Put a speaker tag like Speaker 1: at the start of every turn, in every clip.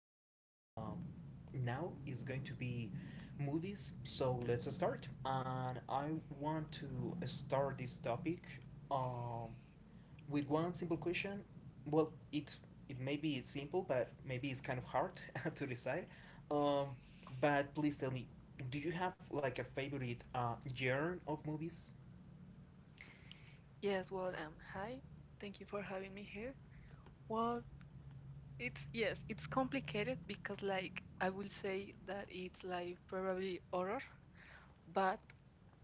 Speaker 1: talking now is going to be movies. So let's start. And I want to start this topic um, with one simple question. Well, it may be simple, but maybe it's kind of hard to decide. Um, but please tell me, do you have like a favorite genre of movies?
Speaker 2: Yes, well, hi. Thank you for having me here. Well, it's yes, it's complicated because like I will say that it's like probably horror, but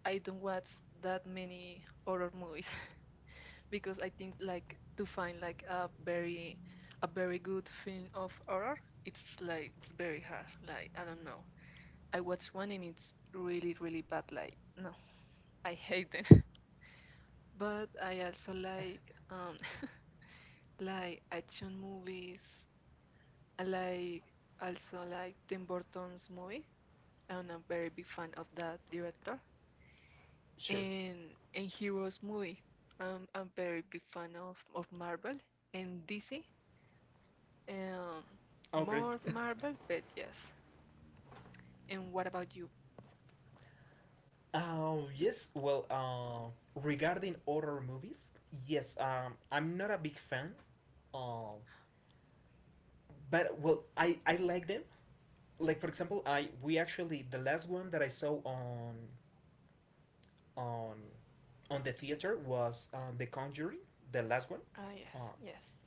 Speaker 2: I don't watch that many horror movies because I think like to find like a very good film of horror, it's like it's very hard. Like I don't know. I watched one and it's really really bad. Like no, I hate them. But I also like like action movies. I like also like Tim Burton's movie. I'm a very big fan of that director.
Speaker 1: Sure.
Speaker 2: And Heroes movie. I'm very big fan of Marvel and DC. Um,
Speaker 1: Oh, great.
Speaker 2: more Marvel, but yes. And what about you?
Speaker 1: Yes, well, regarding horror movies, yes, I'm not a big fan. Um, but, well, I like them. Like, for example, I we actually, the last one that I saw on on on the theater was The Conjuring, the last one.
Speaker 2: Ah,
Speaker 1: Um,
Speaker 2: yes, yes.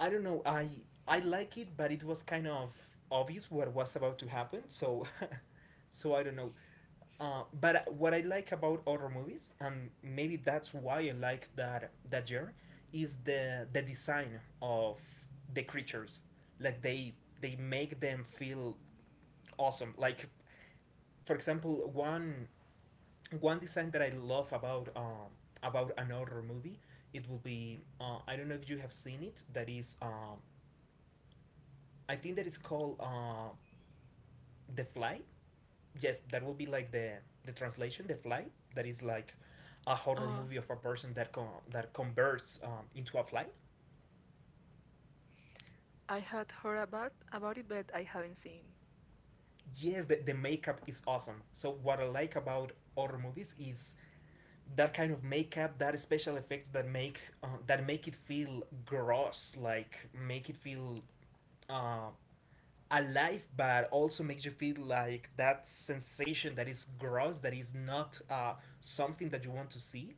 Speaker 1: I don't know, I like it, but it was kind of obvious what was about to happen, so I don't know. But what I like about horror movies, and maybe that's why I like that genre, is the design of the creatures. Like they make them feel awesome. Like for example, one design that I love about an horror movie, it will be I don't know if you have seen it. That is I think that is called the fly. Yes, that will be like the translation, the fly, that is like a horror
Speaker 2: Uh,
Speaker 1: movie of a person that com that converts into a fly.
Speaker 2: I had heard about it, but I haven't seen.
Speaker 1: Yes, the makeup is awesome. So what I like about horror movies is that kind of makeup, that special effects that make it feel gross, like make it feel um, alive, but also makes you feel like that sensation that is gross, that is not something that you want to see.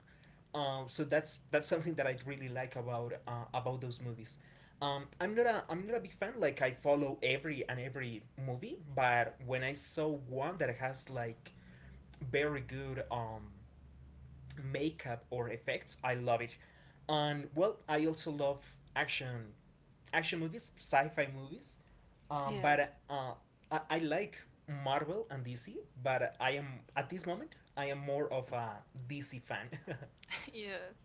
Speaker 1: So that's something that I really like about those movies. I'm not a big fan, like I follow every and every movie, but when I saw one that has like very good makeup or effects. I love it. And, well, I also love action, action movies, sci-fi movies.
Speaker 2: Yes,
Speaker 1: But I like Marvel and DC, but I am at this moment I am more of a DC fan.
Speaker 2: yes.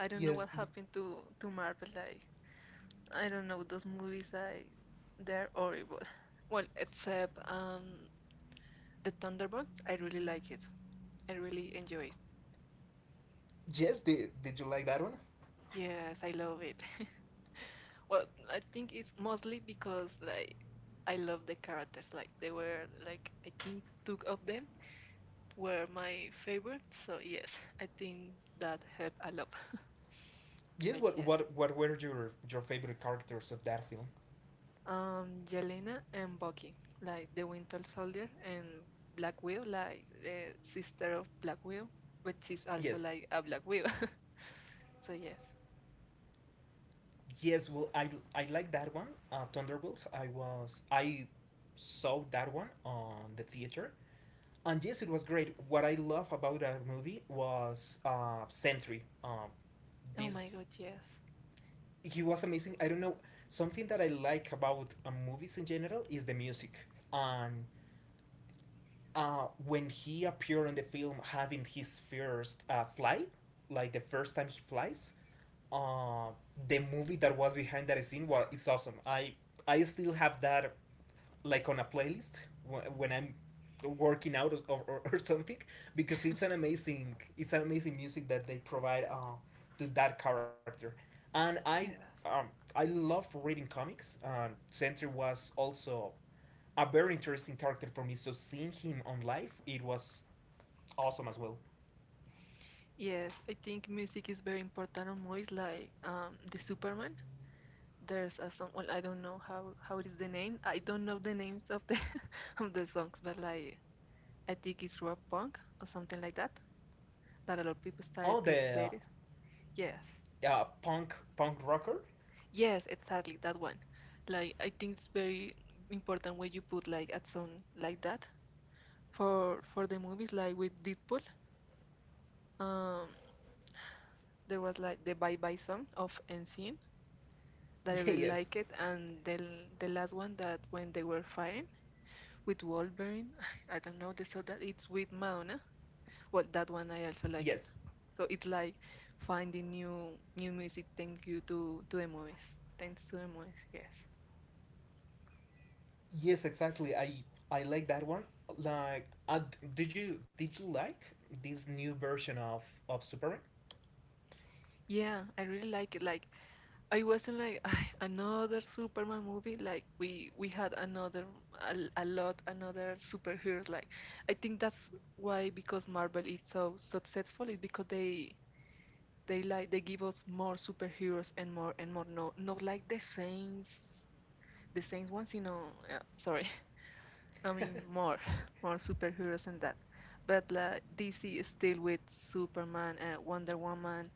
Speaker 2: I don't know
Speaker 1: Yes,
Speaker 2: what happened to Marvel. Like I don't know those movies. I they're horrible. Well, except the Thunderbolts. I really like it. I really enjoy it.
Speaker 1: yes. Did you like that one?
Speaker 2: Yes, I love it. Well, I think it's mostly because like I love the characters. Like they were like I think two of them were my favorite. So yes, I think that helped a lot.
Speaker 1: Yes.
Speaker 2: But
Speaker 1: What
Speaker 2: yes.
Speaker 1: what what were your favorite characters of that film?
Speaker 2: Yelena and Bucky, like the Winter Soldier, and Black Widow, like the sister of Black Widow, but she's also
Speaker 1: Yes.
Speaker 2: like a Black Widow. So yes.
Speaker 1: Yes. Well, I like that one. Thunderbolts. I saw that one on the theater, and yes, it was great. What I love about that movie was Sentry.
Speaker 2: Oh my
Speaker 1: This
Speaker 2: God, yes,
Speaker 1: He was amazing. I don't know, something that I like about movies in general is the music. And when he appeared in the film, having his first fly, like the first time he flies, uh, the movie that was behind that scene was it's awesome. I still have that like on a playlist, when I'm working out or something, because it's an amazing music that they provide to that character. And
Speaker 2: yes,
Speaker 1: um, I love reading comics. Sentry was also a very interesting character for me, so seeing him on live it was awesome as well.
Speaker 2: yes. I think music is very important on movies, like the Superman. There's a song. Well, I don't know how it is the name. I don't know the names of the of the songs, but like I think it's rock punk or something like that. That a lot of people started
Speaker 1: Oh,
Speaker 2: to play
Speaker 1: the
Speaker 2: it. Yes.
Speaker 1: punk rocker.
Speaker 2: Yes, exactly, that one. Like I think it's very important when you put like a song like that for the movies like with Deadpool. Um, there was like the Bye Bye song of Ensign that I
Speaker 1: Yeah,
Speaker 2: really
Speaker 1: yes,
Speaker 2: like it, and then the last one that when they were fighting with Wolverine, I don't know the song that it's with Madonna. Well, that one I also like it.
Speaker 1: yes.
Speaker 2: So it's like finding new music. Thank you to the movies. Thanks to the movies. Yes.
Speaker 1: Yes, exactly. I like that one. Like, did you like this new version of Superman
Speaker 2: Yeah, I really like it. Like I wasn't like "Ay, another Superman movie. Like we had another a lot another superheroes. Like I think that's why because Marvel is so successful is because they like they give us more superheroes and more and more. No, not like the same ones. Sorry. I mean more more superheroes and that. But like DC is still with Superman, Wonder Woman,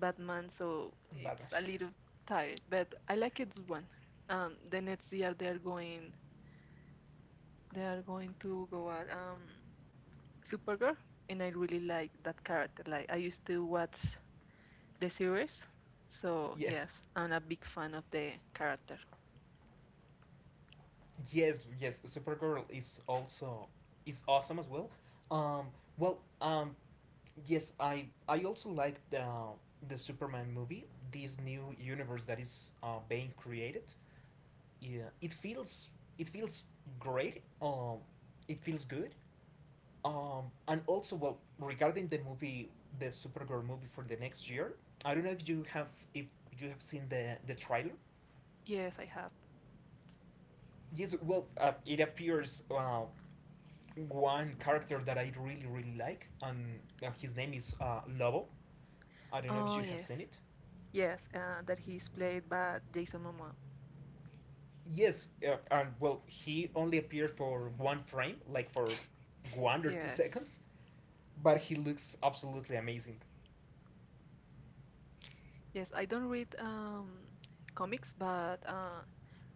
Speaker 2: Batman, so
Speaker 1: and
Speaker 2: it's
Speaker 1: Batman?
Speaker 2: a little tired, but I like it one. The next year they are going to go at Supergirl, and I really like that character. Like I used to watch the series, so
Speaker 1: Yes,
Speaker 2: yes, I'm a big fan of the character.
Speaker 1: yes, yes. Supergirl is also, is awesome as well. Um, well, um, yes, I also like the Superman movie. This new universe that is being created. Yeah, it feels great. It feels good. And also, well, regarding the movie, the Supergirl movie for the next year, I don't know if you have seen the trailer.
Speaker 2: Yes, I have.
Speaker 1: Yes, well, it appears one character that I really really like, and his name is Lobo. I don't know if
Speaker 2: Oh
Speaker 1: you have
Speaker 2: yes,
Speaker 1: seen it.
Speaker 2: yes, that he's played by Jason Momoa.
Speaker 1: Yes, and, well, he only appeared for one frame, like for one or two
Speaker 2: Yes,
Speaker 1: seconds, but he looks absolutely amazing.
Speaker 2: yes, I don't read comics, but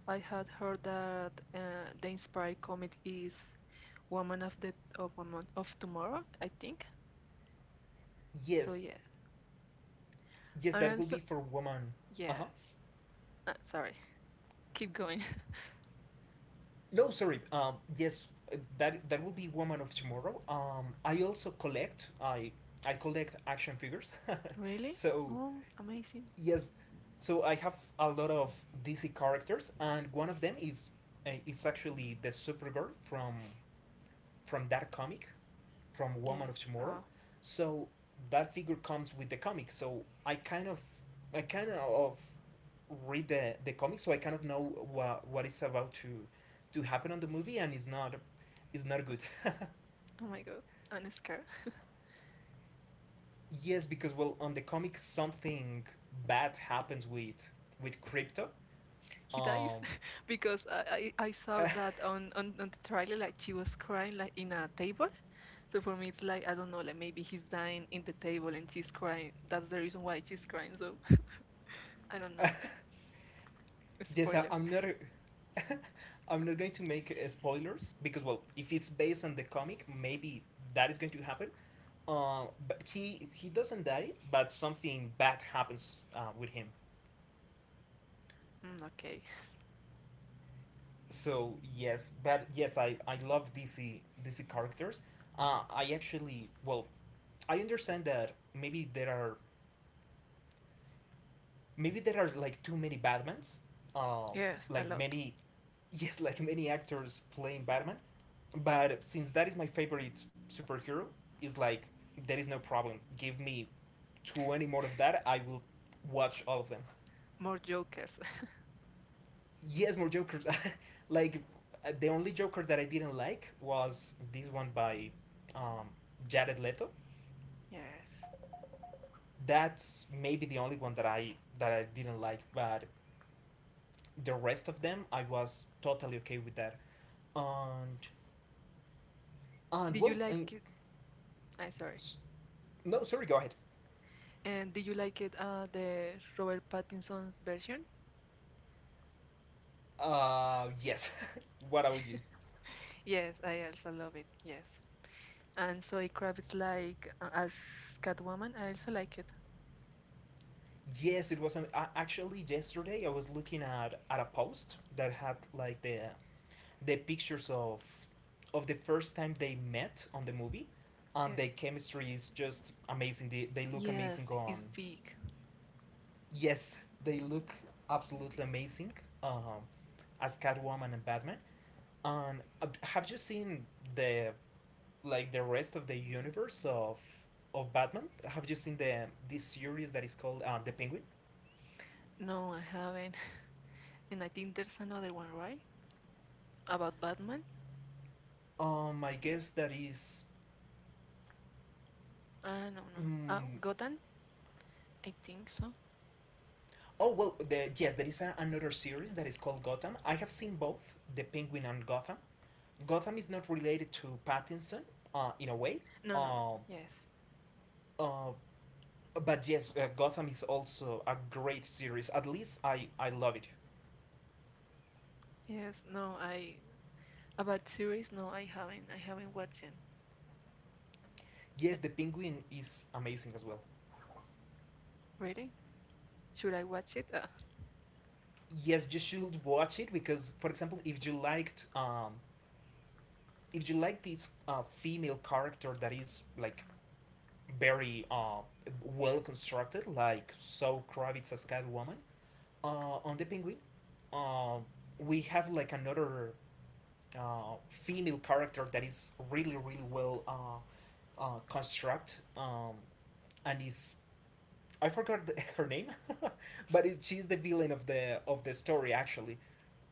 Speaker 2: I had heard that the inspired comic is Woman of Woman of Tomorrow, I think. So
Speaker 1: Yes,
Speaker 2: yeah,
Speaker 1: yes,
Speaker 2: and
Speaker 1: that will
Speaker 2: also
Speaker 1: be for woman. Uh
Speaker 2: yes.
Speaker 1: huh.
Speaker 2: Ah, sorry, keep going.
Speaker 1: No, sorry. Yes, that will be Woman of Tomorrow. I also collect. I collect action figures.
Speaker 2: Really?
Speaker 1: So
Speaker 2: Oh, amazing.
Speaker 1: yes, so I have a lot of DC characters, and one of them is actually the Supergirl from that comic, from Woman of
Speaker 2: Yes.
Speaker 1: Tomorrow.
Speaker 2: Oh,
Speaker 1: So that figure comes with the comic. So I kind of read the comic, so I kind of know what is about to happen on the movie, and it's not good.
Speaker 2: oh my God. I'm scared.
Speaker 1: Yes, because, well, on the comic something bad happens with crypto.
Speaker 2: He dies
Speaker 1: Um,
Speaker 2: because I saw that on the trailer like she was crying like in a table. So for me it's like I don't know like maybe he's dying in the table and she's crying. That's the reason why she's crying. So I don't know.
Speaker 1: yes, I,
Speaker 2: Spoilers.
Speaker 1: I'm not. I'm not going to make spoilers, because, well, if it's based on the comic, maybe that is going to happen. uh, but he doesn't die, but something bad happens with him.
Speaker 2: Mm, okay.
Speaker 1: So yes, but yes, I love DC characters. I actually, well, I understand that maybe there are like too many Batmans, uh,
Speaker 2: Yes, a
Speaker 1: like
Speaker 2: lot.
Speaker 1: many, yes, like many actors playing Batman. But since that is my favorite superhero, is like there is no problem. Give me 20 more of that, I will watch all of them.
Speaker 2: More jokers.
Speaker 1: Yes, more Jokers. Like the only Joker that I didn't like was this one by um, Jared Leto.
Speaker 2: Yes.
Speaker 1: That's maybe the only one that I didn't like, but the rest of them I was totally okay with that. And and,
Speaker 2: Did you
Speaker 1: well,
Speaker 2: like I'm sorry.
Speaker 1: s- no, sorry, go ahead.
Speaker 2: And did you like it, the Robert Pattinson's version?
Speaker 1: Yes. What about you?
Speaker 2: Yes, I also love it. Yes. And Zoe Kravitz, like as Catwoman, I also like it.
Speaker 1: Yes, it was. Actually, yesterday I was looking at a post that had like the pictures of the first time they met on the movie, and
Speaker 2: Yes.
Speaker 1: their chemistry is just amazing. They look
Speaker 2: Yes,
Speaker 1: amazing on.
Speaker 2: it's big.
Speaker 1: Yes, they look absolutely amazing, um, as Catwoman and Batman. And have you seen the like the rest of the universe of Batman? Have you seen the this series that is called The Penguin?
Speaker 2: No, I haven't. And I think there's another one, right? About Batman?
Speaker 1: I guess that is.
Speaker 2: No, no.
Speaker 1: mm,
Speaker 2: Gotham? I think so.
Speaker 1: Oh, well, yes, there is another series that is called Gotham. I have seen both the Penguin and Gotham. Gotham is not related to Pattinson, in a way.
Speaker 2: No, no.
Speaker 1: Uh,
Speaker 2: Yes.
Speaker 1: uh, but yes, Gotham is also a great series. At least I love it.
Speaker 2: Yes, no, I. About series? No, I haven't. I haven't watched it. Uh,
Speaker 1: Yes, the Penguin is amazing as well.
Speaker 2: Really? Should I watch it? Uh,
Speaker 1: Yes, you should watch it because, for example, if you like this female character that is like very well constructed, like So Kravitz as Catwoman, uh, on the penguin, uh, we have like another female character that is really really well construct, and is, I forgot her name, but she's the villain of the story, actually,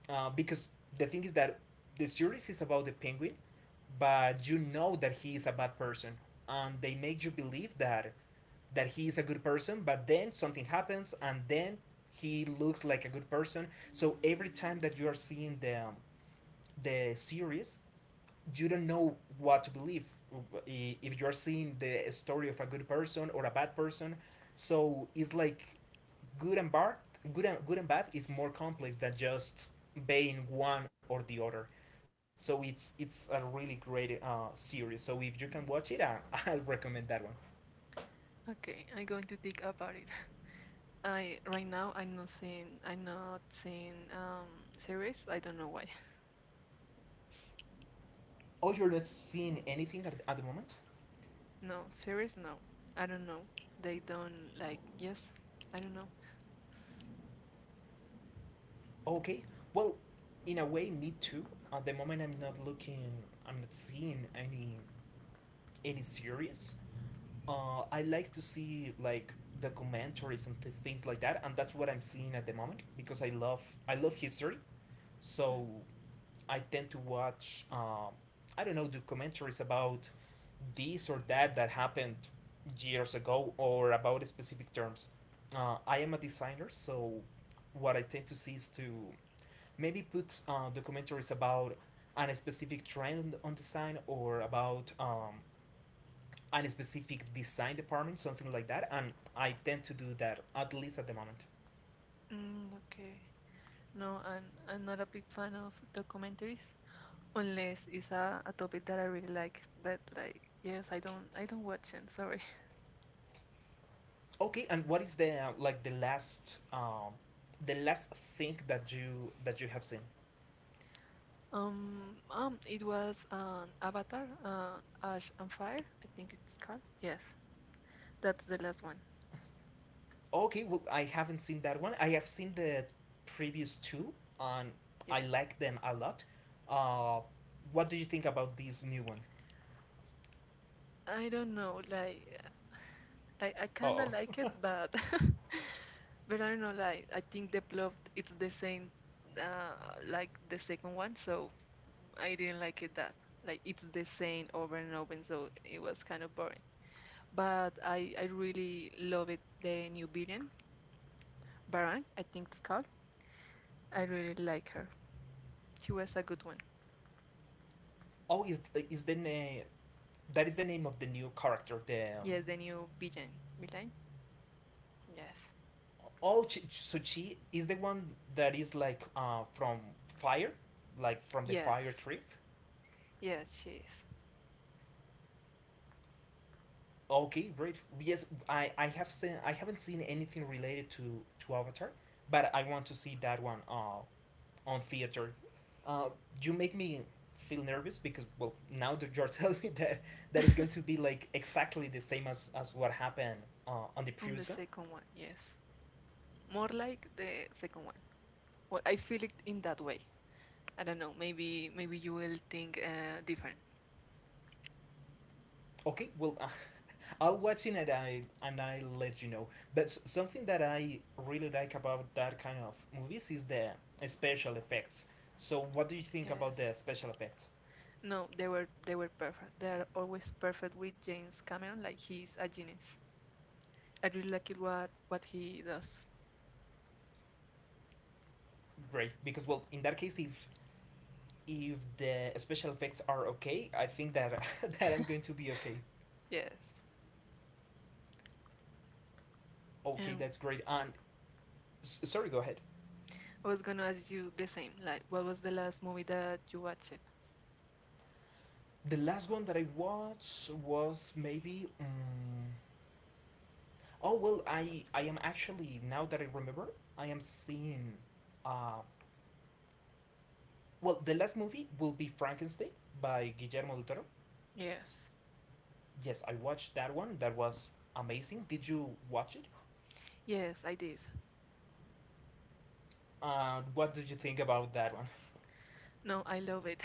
Speaker 1: because the thing is that the series is about the penguin, but you know that he is a bad person, and they make you believe that he is a good person, but then something happens, and then he looks like a good person. So every time that you are seeing the series, you don't know what to believe, if you're seeing the story of a good person or a bad person. So it's like good and bad, good and bad is more complex than just being one or the other. So it's a really great series. So if you can watch it, I'll recommend that one.
Speaker 2: okay, I'm going to think about it. I right now I'm not seeing series. I don't know why.
Speaker 1: Oh, oh, you're not seeing anything at the moment?
Speaker 2: No, series no. I don't know. They don't like yes. I don't know.
Speaker 1: Okay, well, in a way, me too. At the moment I'm not seeing any series. I like to see like the commentaries and things like that, and that's what I'm seeing at the moment, because I love history, so I tend to watch I don't know, documentaries about this or that that happened years ago or about specific terms. I am a designer, so what I tend to see is to maybe put documentaries about an specific trend on design or about a specific design department, something like that, and I tend to do that at least at the moment.
Speaker 2: Mm, okay. No, I'm not a big fan of documentaries unless it's a topic that I really like. But like yes, I don't watch them. Sorry.
Speaker 1: Okay, and what is the like the last thing that you have seen?
Speaker 2: It was an Avatar, Ash and Fire. I think it's called. Yes, that's the last one.
Speaker 1: Okay, well, I haven't seen that one. I have seen the previous two, and I
Speaker 2: Yes.
Speaker 1: like them a lot. Uh, what do you think about this new one?
Speaker 2: I don't know, like I kinda
Speaker 1: Oh,
Speaker 2: like it, but but I don't know. Like I think the plot it's the same uh, like the second one, so I didn't like it that. Like it's the same over and over, so it was kind of boring. But I really love it. The new villain, Baran, I think it's called. I really like her. She was a good one.
Speaker 1: oh, is the name, that is the name of the new character, the
Speaker 2: Yes, the new villain. Villain? Yes.
Speaker 1: Oh, so she is the one that is like from fire, like from the
Speaker 2: Yes.
Speaker 1: fire trip.
Speaker 2: Yes, she is.
Speaker 1: Okay, great. Yes, I have seen I haven't seen anything related to Avatar, but I want to see that one on theater. Uh, you make me feel nervous because well, now that you're telling me that that is going to be like exactly the same as what happened on the
Speaker 2: On the
Speaker 1: previous one.
Speaker 2: second one, yes. More like the second one. Well, I feel it in that way. I don't know. Maybe you will think different.
Speaker 1: Okay, well, I'll watch it and I let you know. But something that I really like about that kind of movies is the special effects. So, what do you think
Speaker 2: Yes.
Speaker 1: about the special effects?
Speaker 2: No, they were perfect. They are always perfect with James Cameron. Like he's a genius. I really like it what he does.
Speaker 1: Great, because well, in that case, if the special effects are okay, I think that that I'm going to be okay.
Speaker 2: Yes.
Speaker 1: Okay,
Speaker 2: And
Speaker 1: that's great. And sorry, go ahead.
Speaker 2: I was gonna ask you the same. Like, what was the last movie that you watched?
Speaker 1: The last one that I watched was maybe. Oh well, I am actually, now that I remember, I am seeing. Uh, well, the last movie will be Frankenstein by Guillermo del Toro.
Speaker 2: Yes.
Speaker 1: Yes, I watched that one. That was amazing. Did you watch it?
Speaker 2: Yes, I did.
Speaker 1: What did you think about that one?
Speaker 2: No, I love it.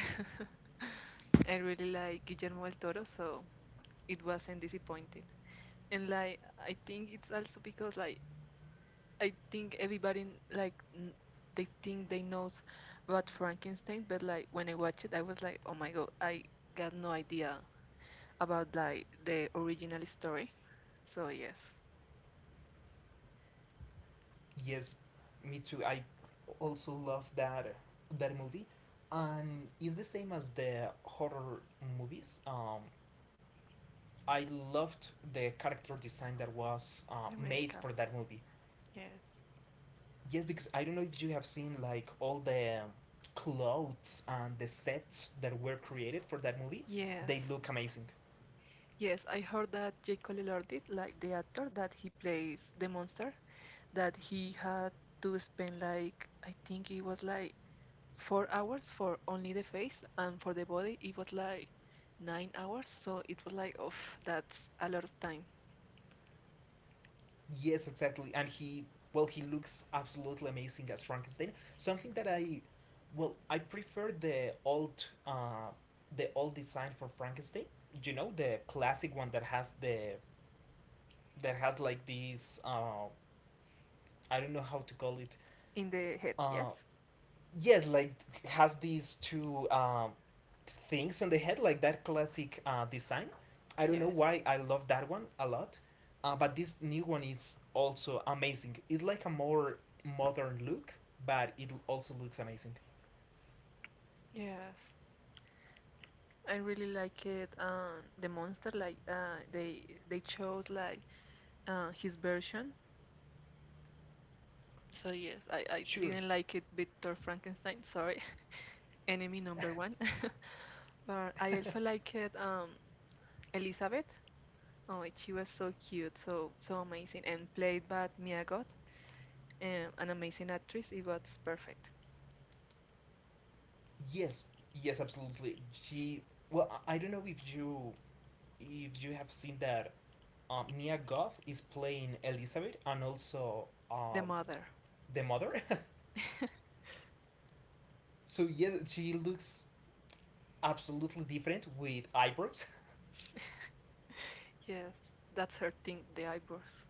Speaker 2: I really like Guillermo del Toro, so it wasn't disappointed. And like, I think it's also because like I think everybody they think they knows about Frankenstein, but like when I watched it, I was like, oh my god, I got no idea about like the original story. So yes,
Speaker 1: Yes, me too. I also love that movie, and it's the same as the horror movies. I loved the character design that was
Speaker 2: the
Speaker 1: made
Speaker 2: makeup,
Speaker 1: for that movie.
Speaker 2: yes.
Speaker 1: Yes, because I don't know if you have seen like all the clothes and the sets that were created for that movie.
Speaker 2: Yes,
Speaker 1: They look amazing.
Speaker 2: yes. I heard that Jake Lord like the actor that he plays the monster, that he had to spend like I think it was like 4 hours for only the face, and for the body it was like 9 hours. So it was like, oh, that's a lot of time.
Speaker 1: Yes, exactly. And he, well, he looks absolutely amazing as Frankenstein. Something that I, well, I prefer the old design for Frankenstein. You know, the classic one that has the that has like these. I don't know how to call it.
Speaker 2: In the head,
Speaker 1: Uh,
Speaker 2: yes?
Speaker 1: yes, like has these two things on the head, like that classic design. I don't know
Speaker 2: Yes,
Speaker 1: why I love that one a lot, but this new one is also amazing. It's like a more modern look, but it also looks amazing.
Speaker 2: yes. I really like it. The monster, like, they chose like his version. So yes, I
Speaker 1: Sure.
Speaker 2: didn't like it Victor Frankenstein. Sorry, enemy number one. But I also like it. Elizabeth. Oh, she was so cute, so amazing, and played by Mia Goth. An amazing actress. It was perfect.
Speaker 1: Yes. Yes, absolutely. She. Well, I don't know if you have seen that Mia Goth is playing Elizabeth and also
Speaker 2: The mother.
Speaker 1: the mother. So yes, she looks absolutely different with eyebrows.
Speaker 2: Yes, that's her thing, the eyebrows.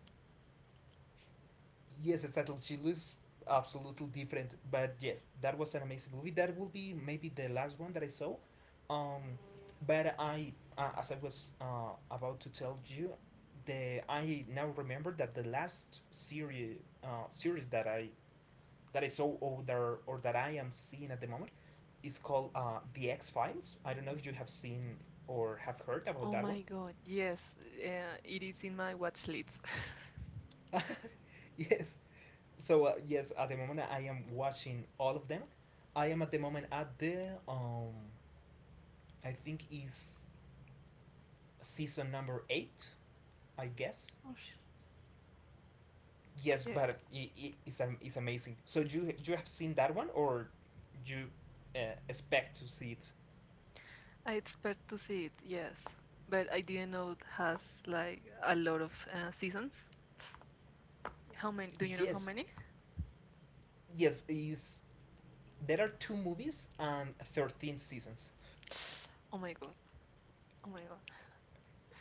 Speaker 1: Yes, exactly. She looks absolutely different. But yes, that was an amazing movie. That will be maybe the last one that I saw. Um, but I, as I was about to tell you, the I now remember that the last series that I saw, or that I am seeing at the moment is called The X Files. I don't know if you have seen or have heard about
Speaker 2: Oh
Speaker 1: that one.
Speaker 2: my god, yes, it is in my watch list.
Speaker 1: Yes, so yes, at the moment I am watching all of them. I am at the moment at the I think is season number 8, I guess.
Speaker 2: Ush,
Speaker 1: Yes,
Speaker 2: yes.
Speaker 1: but it's amazing. So you have seen that one or you uh, expect to see it?
Speaker 2: I expect to see it, yes. But I didn't know it has like a lot of seasons. How many? Do you know how
Speaker 1: Yes,
Speaker 2: many?
Speaker 1: yes. Is there are 2 movies and 13 seasons.
Speaker 2: Oh my god. Oh my god.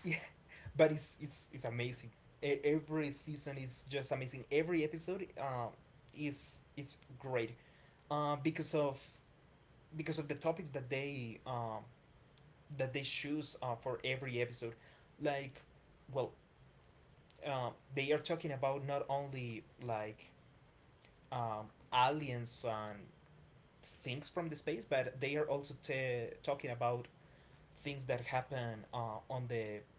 Speaker 1: Yeah, but it's amazing. Every season is just amazing. Every episode is great. uh, because of because of the topics that they choose for every episode, like, well, they are talking about not only like um, aliens and things from the space, but they are also talking about things that happen on the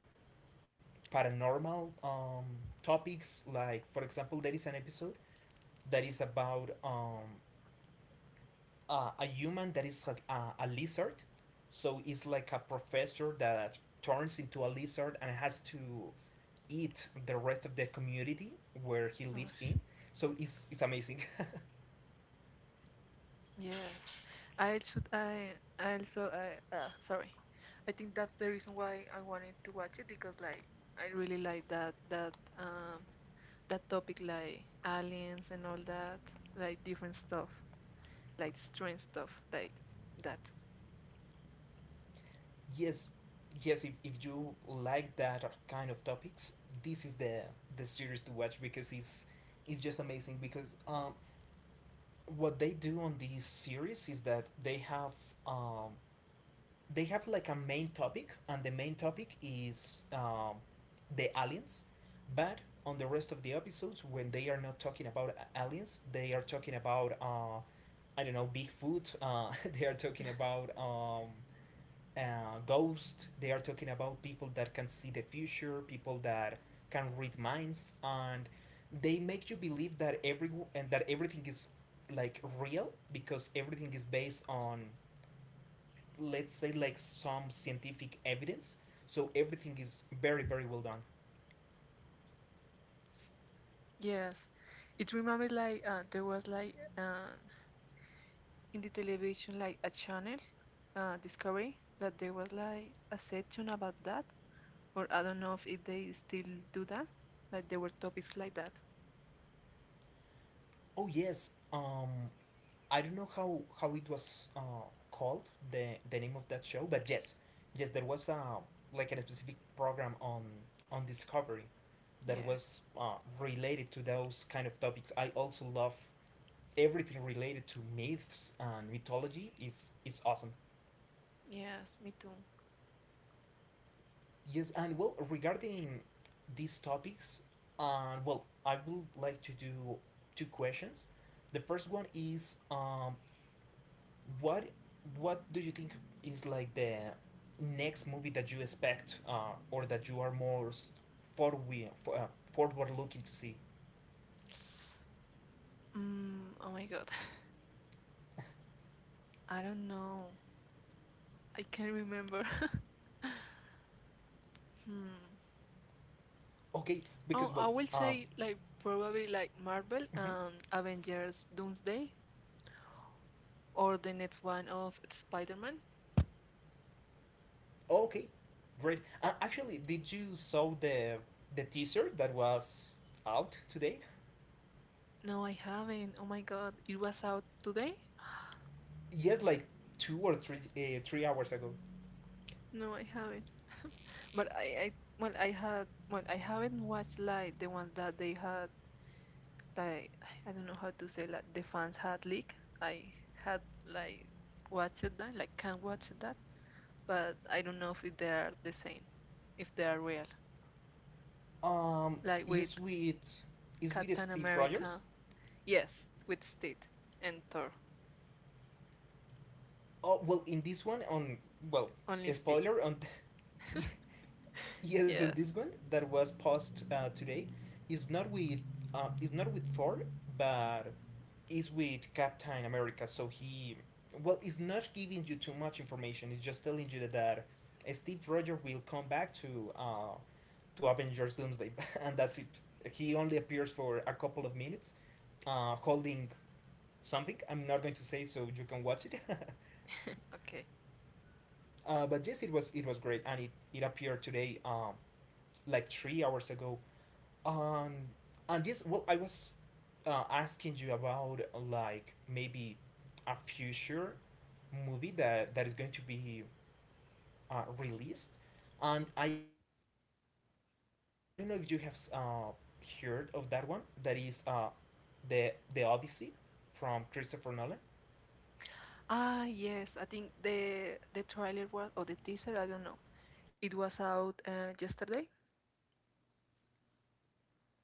Speaker 1: paranormal topics, like for example there is an episode that is about a human that is a lizard. So it's like a professor that turns into a lizard and has to eat the rest of the community where he lives
Speaker 2: Ush.
Speaker 1: in. So it's amazing.
Speaker 2: Yes, I should. I also. I sorry. I think that's the reason why I wanted to watch it because like I really like that topic like aliens and all that, like different stuff, like strange stuff like that.
Speaker 1: Yes, yes. If you like that kind of topics, this is the series to watch, because it's just amazing because what they do on this series is that um, they have like a main topic, and the main topic is the aliens. But on the rest of the episodes, when they are not talking about aliens, they are talking about I don't know, Bigfoot. They are talking about ghosts. They are talking about people that can see the future, people that can read minds, and they make you believe that every and that everything is like real, because everything is based on, let's say, like some scientific evidence, so everything is very, very well done.
Speaker 2: Yes, it reminded like there was like in the television like a channel Discovery that there was like a section about that, or I don't know if they still do that, like there were topics like that.
Speaker 1: Oh yes, I don't know how it was called, the name of that show, but yes, yes, there was a like a specific program on Discovery that
Speaker 2: Yes,
Speaker 1: was related to those kind of topics. I also love everything related to myths and mythology. Is awesome.
Speaker 2: yes, me too.
Speaker 1: Yes, and well, regarding these topics, and well, I would like to do two questions. The first one is, what what do you think is like the next movie that you expect or that you are most forward uh, forward looking to see?
Speaker 2: Mm, oh my god. I don't know. I can't remember. Hmm.
Speaker 1: Okay,
Speaker 2: Oh,
Speaker 1: because
Speaker 2: I
Speaker 1: well,
Speaker 2: will say like probably like Marvel,
Speaker 1: mhm,
Speaker 2: Avengers Doomsday or the next one of Spider-Man.
Speaker 1: okay, great. Actually, did you saw the teaser that was out today?
Speaker 2: No, I haven't. Oh my god, it was out today?
Speaker 1: Yes, like two or three 3 hours ago.
Speaker 2: No, I haven't. But I well, I had well, I haven't watched like the ones that they had like I don't know how to say like the fans had leak. I had like watched that, like can watch that, but I don't know if they are the same, if they are real.
Speaker 1: Um,
Speaker 2: Like with
Speaker 1: is with is with
Speaker 2: Captain
Speaker 1: Steve Rogers.
Speaker 2: America, yes, with Steve and Thor,
Speaker 1: Oh well, in this one on, well,
Speaker 2: only Steve.
Speaker 1: spoiler on. Yes, on
Speaker 2: Yes,
Speaker 1: this one that was posted today, is not with is not with Thor, but is with Captain America. So he, well, it's not giving you too much information. It's just telling you that, that Steve Rogers will come back to Avengers Doomsday, and that's it. He only appears for a couple of minutes, holding something. I'm not going to say, so you can watch it.
Speaker 2: okay.
Speaker 1: But yes, it was great, and it appeared today, like 3 hours ago. Um, and yes, well, I was asking you about like maybe a future movie that that is going to be released, and I am expecting, I don't know if you have heard of that one. That is the Odyssey from Christopher Nolan.
Speaker 2: Ah, yes, I think the trailer was or the teaser, I don't know. It was out yesterday.
Speaker 1: Yes, yes, exactly.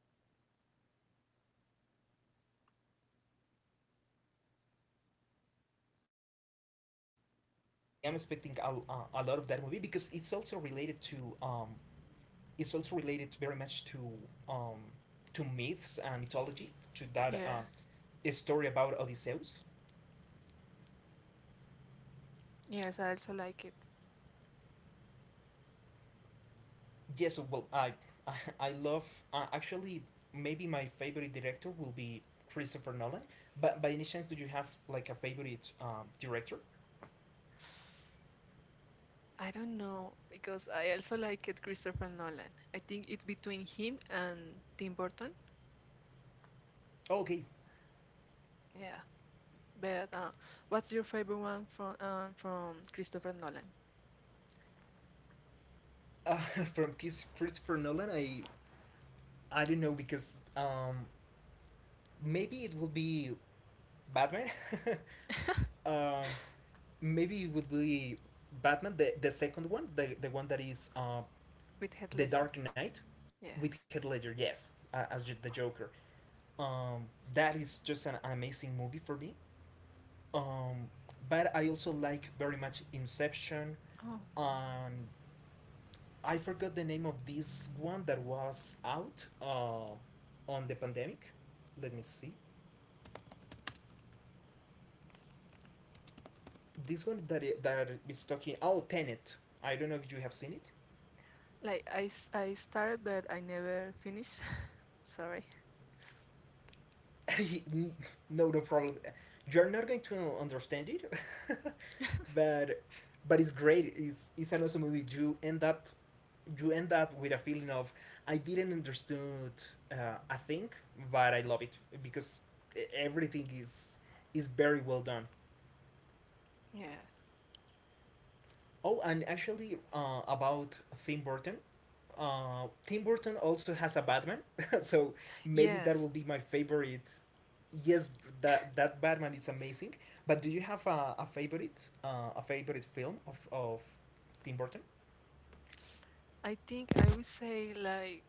Speaker 1: So yes, I am expecting a lot of that movie, because it's also related to um, it's also related very much um, to myths and mythology, to that
Speaker 2: Yes,
Speaker 1: story about Odysseus.
Speaker 2: yes, I also like it.
Speaker 1: Yes, well, I I love, actually, maybe my favorite director will be Christopher Nolan. But by any chance, do you have like a favorite director?
Speaker 2: I don't know because I also like it Christopher Nolan. I think it's between him and Tim Burton.
Speaker 1: Okay,
Speaker 2: Yeah, but what's your favorite one from from Christopher Nolan?
Speaker 1: uh, from Kiss Christopher Nolan, I don't know because maybe it will be Batman. um, maybe it would be Batman, the second one, the one that is
Speaker 2: With Heath
Speaker 1: The
Speaker 2: Ledger?
Speaker 1: Dark Knight with
Speaker 2: Yes.
Speaker 1: Heath Ledger. Yes, as the Joker. Um, that is just an amazing movie for me. Um, but I also like very much Inception.
Speaker 2: Oh,
Speaker 1: And I forgot the name of this one that was out on the pandemic. Let me see. This one that that is talking. Oh, Tenet. I don't know if you have seen it.
Speaker 2: like I started but I never finished. Sorry.
Speaker 1: No, no problem. You're not going to understand it, but but it's great. It's an awesome movie. You end up, you end up with a feeling of I didn't understand uh, a thing, but I love it because everything is very well done.
Speaker 2: Yes.
Speaker 1: Oh, and actually, about Tim Burton, Tim Burton also has a Batman, so maybe that will
Speaker 2: Yes.
Speaker 1: be my favorite. Yes, that that Batman is amazing. But do you have a favorite film of Tim Burton?
Speaker 2: I think I would say like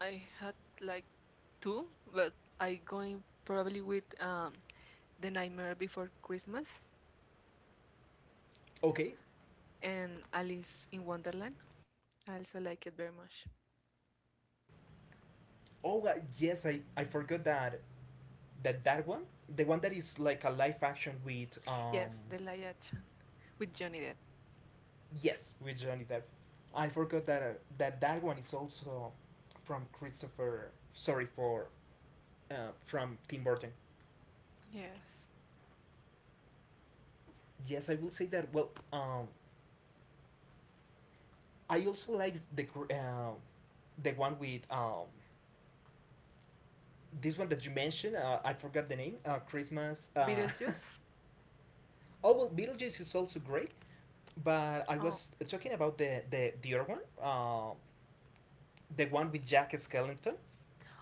Speaker 2: I had like two, but I going probably with The Nightmare Before Christmas.
Speaker 1: Okay.
Speaker 2: And Alice in Wonderland. I also like it very much.
Speaker 1: Oh yes, I forgot that that one, the one that is like a live action with
Speaker 2: Yes, the live action with Johnny Depp.
Speaker 1: Yes, with Johnny Depp. I forgot that that that one is also from Christopher. Sorry for from Tim Burton.
Speaker 2: Yes.
Speaker 1: Yes, I will say that. Well, I also like the the one with this one that you mentioned. I forgot the name. Christmas.
Speaker 2: Beetlejuice.
Speaker 1: Oh well, Beetlejuice is also great. But I
Speaker 2: Oh,
Speaker 1: was talking about the the other one. The one with Jack Skellington.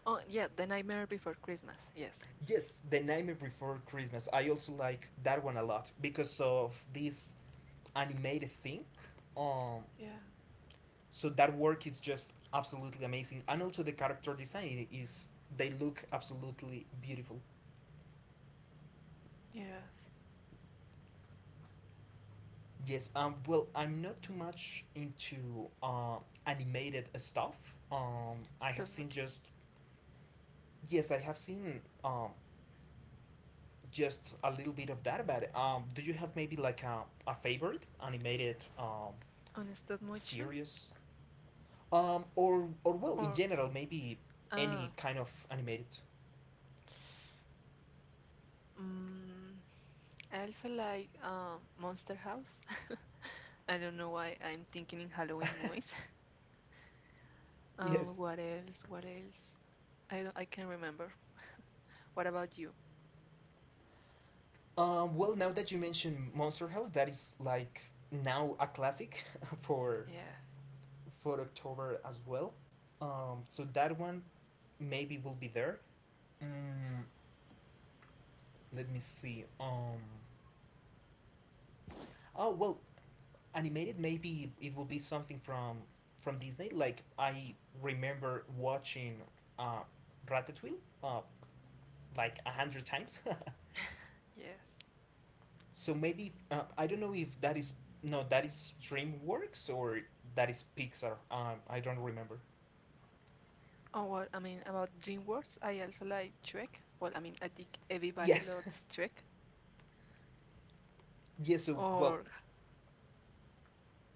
Speaker 2: oh yeah, The Nightmare Before Christmas. Yes.
Speaker 1: Yes, The Nightmare Before Christmas. I also like that one a lot because of this animated thing. Um,
Speaker 2: Yeah.
Speaker 1: so that work is just absolutely amazing, and also the character design is they look absolutely beautiful.
Speaker 2: Yes.
Speaker 1: Yes, well, I'm not too much into animated stuff. I have
Speaker 2: Stop
Speaker 1: seen
Speaker 2: motion.
Speaker 1: just yes, I have seen just a little bit of that. But do you have maybe like a favorite animated
Speaker 2: On stop motion
Speaker 1: series or well, in
Speaker 2: or
Speaker 1: general, maybe any
Speaker 2: ah,
Speaker 1: kind of animated.
Speaker 2: mm, I also like Monster House. I don't know why I'm thinking in Halloween movies.
Speaker 1: Yes.
Speaker 2: What else? What else? I can't remember. What about you?
Speaker 1: Well, now that you mention Monster House, that is like now a classic for
Speaker 2: Yes.
Speaker 1: for October as well. So that one maybe will be there. Mm, let me see. Oh well, animated maybe it will be something from Disney. Like I remember watching uh, Ratatouille like 100 times.
Speaker 2: Yes.
Speaker 1: So maybe I don't know if that is no, that is DreamWorks or that is Pixar. I don't remember.
Speaker 2: Oh, well, I mean, about DreamWorks, I also like Shrek. Well, I mean, I think everybody
Speaker 1: Yes,
Speaker 2: loves Shrek
Speaker 1: yes. So well,
Speaker 2: or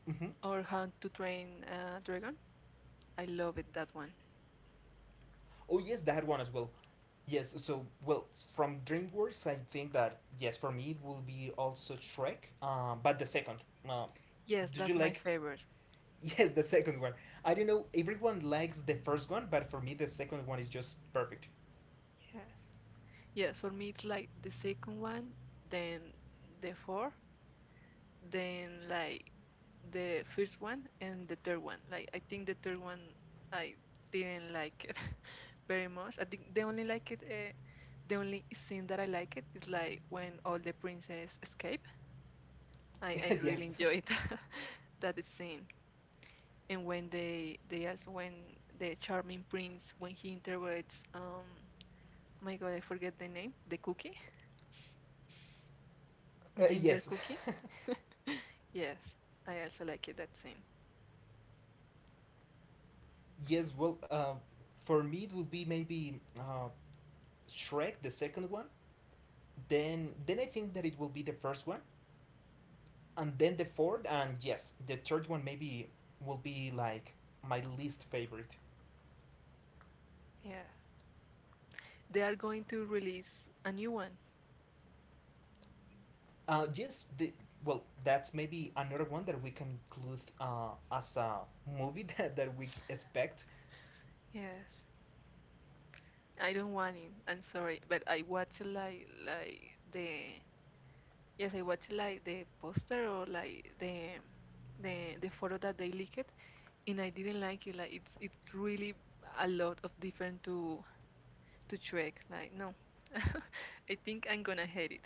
Speaker 1: hmm
Speaker 2: or How to Train Dragon. I love it, that one.
Speaker 1: oh yes, that one as well. Yes. So well, from DreamWorks, I think that yes, for me it will be also Shrek. But the second. Um,
Speaker 2: Yes,
Speaker 1: did you
Speaker 2: that's my
Speaker 1: like?
Speaker 2: favorite.
Speaker 1: Yes, the second one. I don't know. Everyone likes the first one, but for me the second one is just perfect.
Speaker 2: Yes. Yes, for me it's like the second one, then the four, then like the first one and the third one. Like I think the third one I didn't like it very much. I think the only like it the only scene that I like it is like when all the princess escape. I really
Speaker 1: yes.
Speaker 2: enjoyed that scene. And when they also when the charming prince when he interrogates my god, I forget the name, the cookie, ginger
Speaker 1: Yes.
Speaker 2: cookie. Yes, I also like it that scene.
Speaker 1: Yes, well, for me it will be maybe Shrek, the second one. Then I think that it will be the first one, and then the fourth, and yes, the third one maybe will be like my least favorite.
Speaker 2: Yes, they are going to release a new one.
Speaker 1: Yes, the well, that's maybe another one that we can include as a movie that we expect.
Speaker 2: Yes, I don't want it, I'm sorry, but I watch like the yes, I watch like the poster or like the the photo that they leaked, and I didn't like it. Like it's really a lot of different to check. Like no, I think I'm gonna hate it.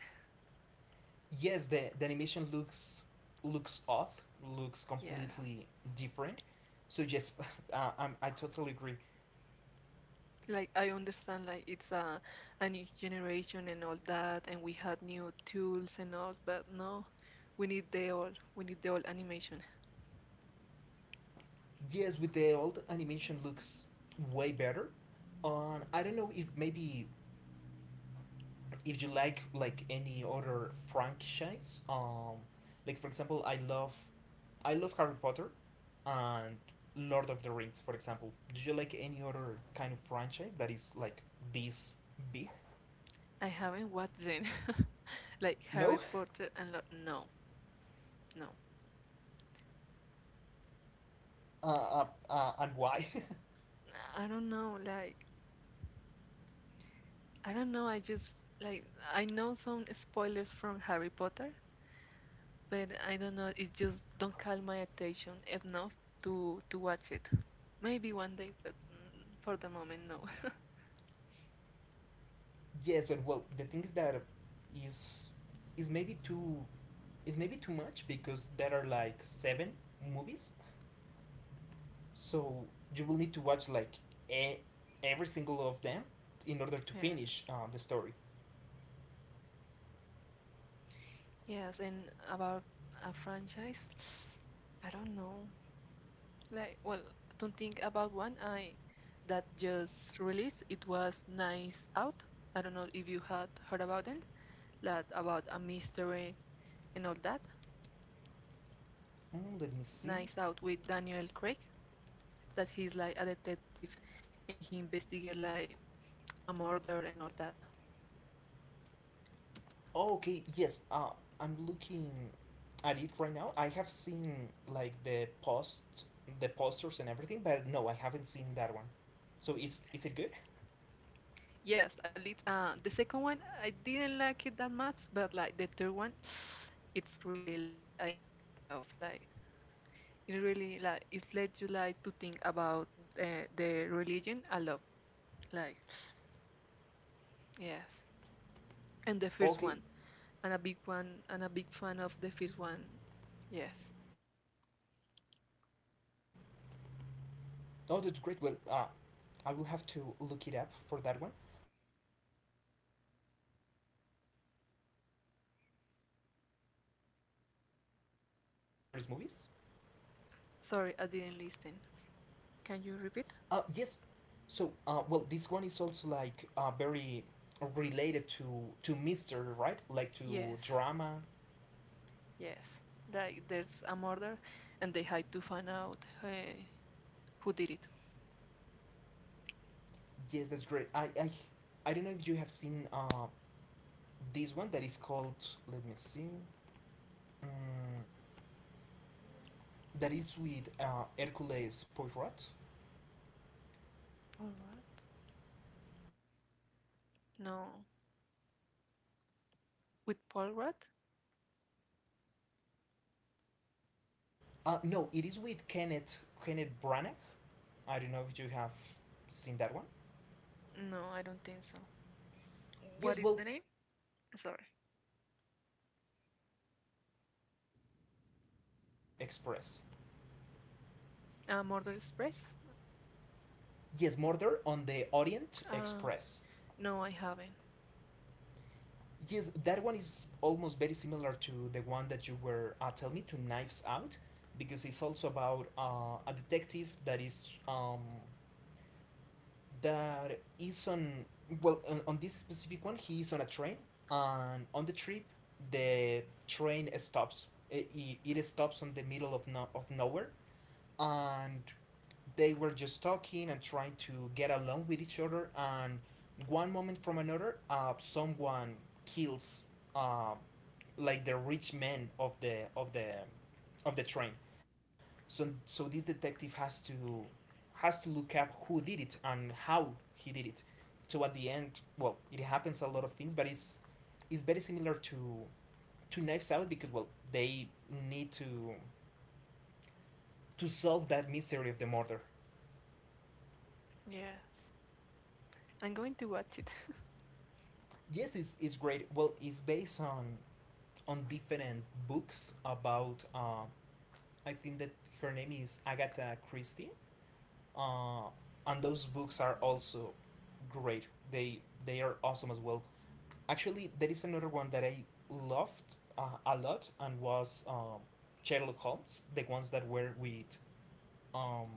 Speaker 1: Yes, the animation looks off, looks
Speaker 2: Yeah.
Speaker 1: completely different. So yes, I totally agree.
Speaker 2: Like I understand like it's a new generation and all that and we had new tools and all, but no, we need the old animation.
Speaker 1: Yes, with the old animation looks way better. I don't know if maybe if you like any other franchise. Like for example, I love Harry Potter, and Lord of the Rings, for example. Do you like any other kind of franchise that is like this big?
Speaker 2: I haven't watched them. Like
Speaker 1: No.
Speaker 2: Harry Potter and like no, no.
Speaker 1: Uh, uh, and why?
Speaker 2: I don't know, like I don't know, I just like I know some spoilers from Harry Potter, but I don't know. It just don't call my attention enough to watch it. Maybe one day, but for the moment, no.
Speaker 1: yes, and well, the thing is that is is maybe too much because there are like seven movies. So you will need to watch like e- every single of them in order to
Speaker 2: Yeah.
Speaker 1: finish the story.
Speaker 2: Yes, and about a franchise, I don't know. Like, well, don't think about one. I that just released. It was Nice Out. I don't know if you had heard about it. That about a mystery and all that.
Speaker 1: Mm, let me see.
Speaker 2: Nice Out with Daniel Craig. That he's like a detective, and he investigates like a murder and all that.
Speaker 1: Oh, okay, yes. I'm looking at it right now. I have seen like the posters and everything, but no, I haven't seen that one. So is it good?
Speaker 2: Yes, at least the second one I didn't like it that much, but like the third one, it's really like I enjoyed a lot. Like it really like it led you like to think about the religion a lot. Like yes, and the first
Speaker 1: Okay.
Speaker 2: one, and a big one, and a big fan of the first one. Yes.
Speaker 1: Oh, that's great. Well, I will have to look it up for that one, because yes, I also like that kind of uh, mystery, mysteries movies.
Speaker 2: Sorry, I didn't listen. Can you repeat?
Speaker 1: Yes. So, well, this one is also like very related to mystery, right? Like
Speaker 2: Yes,
Speaker 1: to drama.
Speaker 2: yes. Like there's a murder, and they had to find out who did it.
Speaker 1: Yes, that's great. I don't know if you have seen this one that is called. Let me see. Um, that is with Hercules Poirot.
Speaker 2: All right.
Speaker 1: Yes, it is called
Speaker 2: No.
Speaker 1: Murder on the Orient
Speaker 2: With Paul
Speaker 1: Express.
Speaker 2: Rudd?
Speaker 1: No, it is with Kenneth Branagh. I don't know if you have seen that one.
Speaker 2: No, I don't think so.
Speaker 1: Yes,
Speaker 2: What is
Speaker 1: well,
Speaker 2: the name?
Speaker 1: it's also
Speaker 2: Sorry.
Speaker 1: yes, the name of the movie is Murder on the Orient Express.
Speaker 2: Murder Express?
Speaker 1: Yes, Murder on the Orient
Speaker 2: Uh,
Speaker 1: Express.
Speaker 2: no, I haven't.
Speaker 1: Yes, that one is almost very similar to the one that you were telling me to Knives Out, because it's also about a detective that is on well on this specific one he is on a train, and on the trip the train stops it, it it stops on the middle of no, of nowhere, and they were just talking and trying to get along with each other, and one moment from another someone kills, uh, like the rich man of the train. So so this detective has to look up who did it and how he did it. So at the end, well, it happens a lot of things, but it's very similar to Knives Out because well, they need to solve that mystery of the murder.
Speaker 2: Yes. I'm going to watch it.
Speaker 1: Yes, it's great. Well, it's based on different books about. I think that her name is Agatha Christie, uh, and those books are also great. They are awesome as well. Actually, there is another one that I loved a lot and was Sherlock Holmes, the ones that were um,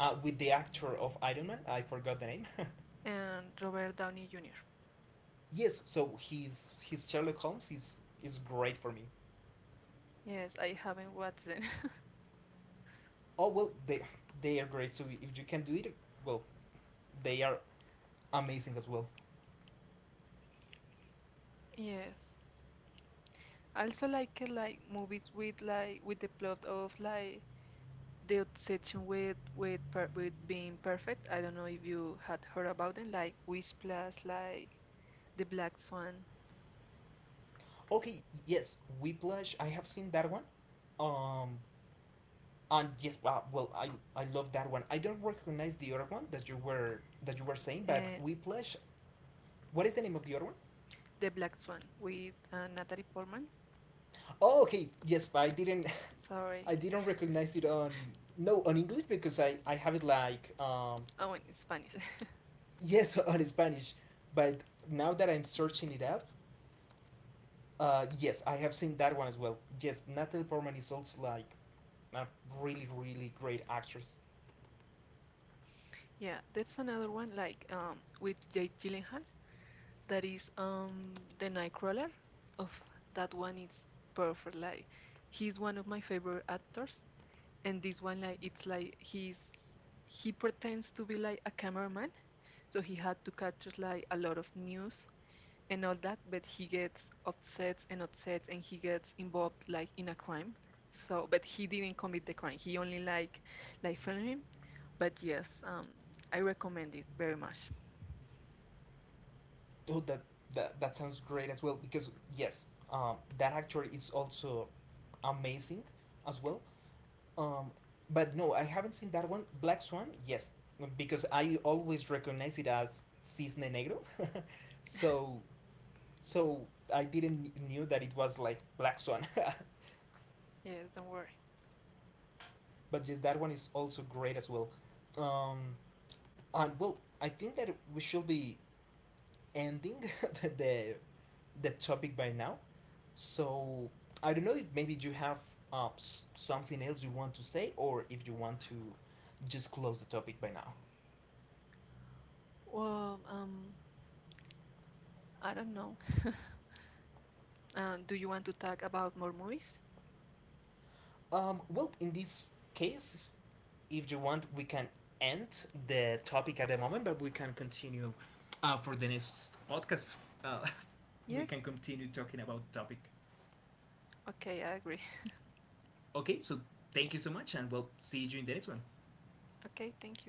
Speaker 1: with the actor of Iron Man. I forgot the name.
Speaker 2: And Robert Downey Jr.
Speaker 1: yes, so his Sherlock Holmes is great for me.
Speaker 2: Yes, I haven't watched it.
Speaker 1: Oh well, they are great. So if you can do it, well, they are amazing as well.
Speaker 2: Yes. I also like movies with like with the plot of like the obsession with with being perfect. I don't know if you had heard about them, like Whiplash, like The Black Swan,
Speaker 1: Okay, yes, Whiplash. I have seen that one. Um, and yes, well, I love that one. I don't recognize the other one that you were saying, but
Speaker 2: and
Speaker 1: Whiplash. What is the name of the other one?
Speaker 2: The Black Swan with Natalie Portman.
Speaker 1: Oh, okay. Yes, but I didn't,
Speaker 2: Sorry.
Speaker 1: I didn't recognize it on no on English because I have it like
Speaker 2: Oh, in Spanish.
Speaker 1: yes on Spanish, but now that I'm searching it up, uh, yes, I have seen that one as well. Yes, Natalie Portman is also like a really, really great actress.
Speaker 2: Yeah, that's another one like with Jake Gyllenhaal. That is the Nightcrawler. Of that one, it's perfect. Like he's one of my favorite actors, and this one like it's like he pretends to be like a cameraman, so he had to capture like a lot of news and all that, but he gets upset and upset, and he gets involved like in a crime. So, but he didn't commit the crime. He only like filmed him. But yes, I recommend it very much.
Speaker 1: Oh, that sounds great as well because yes, that actor is also amazing as well. Um, but no, I haven't seen that one. Black Swan, yes, because I always recognize it as Cisne Negro, so so I didn't knew that it was like Black Swan.
Speaker 2: Yes, don't worry.
Speaker 1: but yes, that one is also great as well. Um, And well, I think that we should be ending the the the topic by now. So I don't know if maybe you have something else you want to say, or if you want to just close the topic by now.
Speaker 2: Well, I don't know. Do you want to talk about more movies?
Speaker 1: Well, in this case, if you want, we can end the topic at the moment, but we can continue for the next podcast. Uh, we
Speaker 2: Yes?
Speaker 1: can continue talking about topic.
Speaker 2: Okay, I agree.
Speaker 1: Okay, so thank you so much, and we'll see you in the next one.
Speaker 2: Okay, thank you.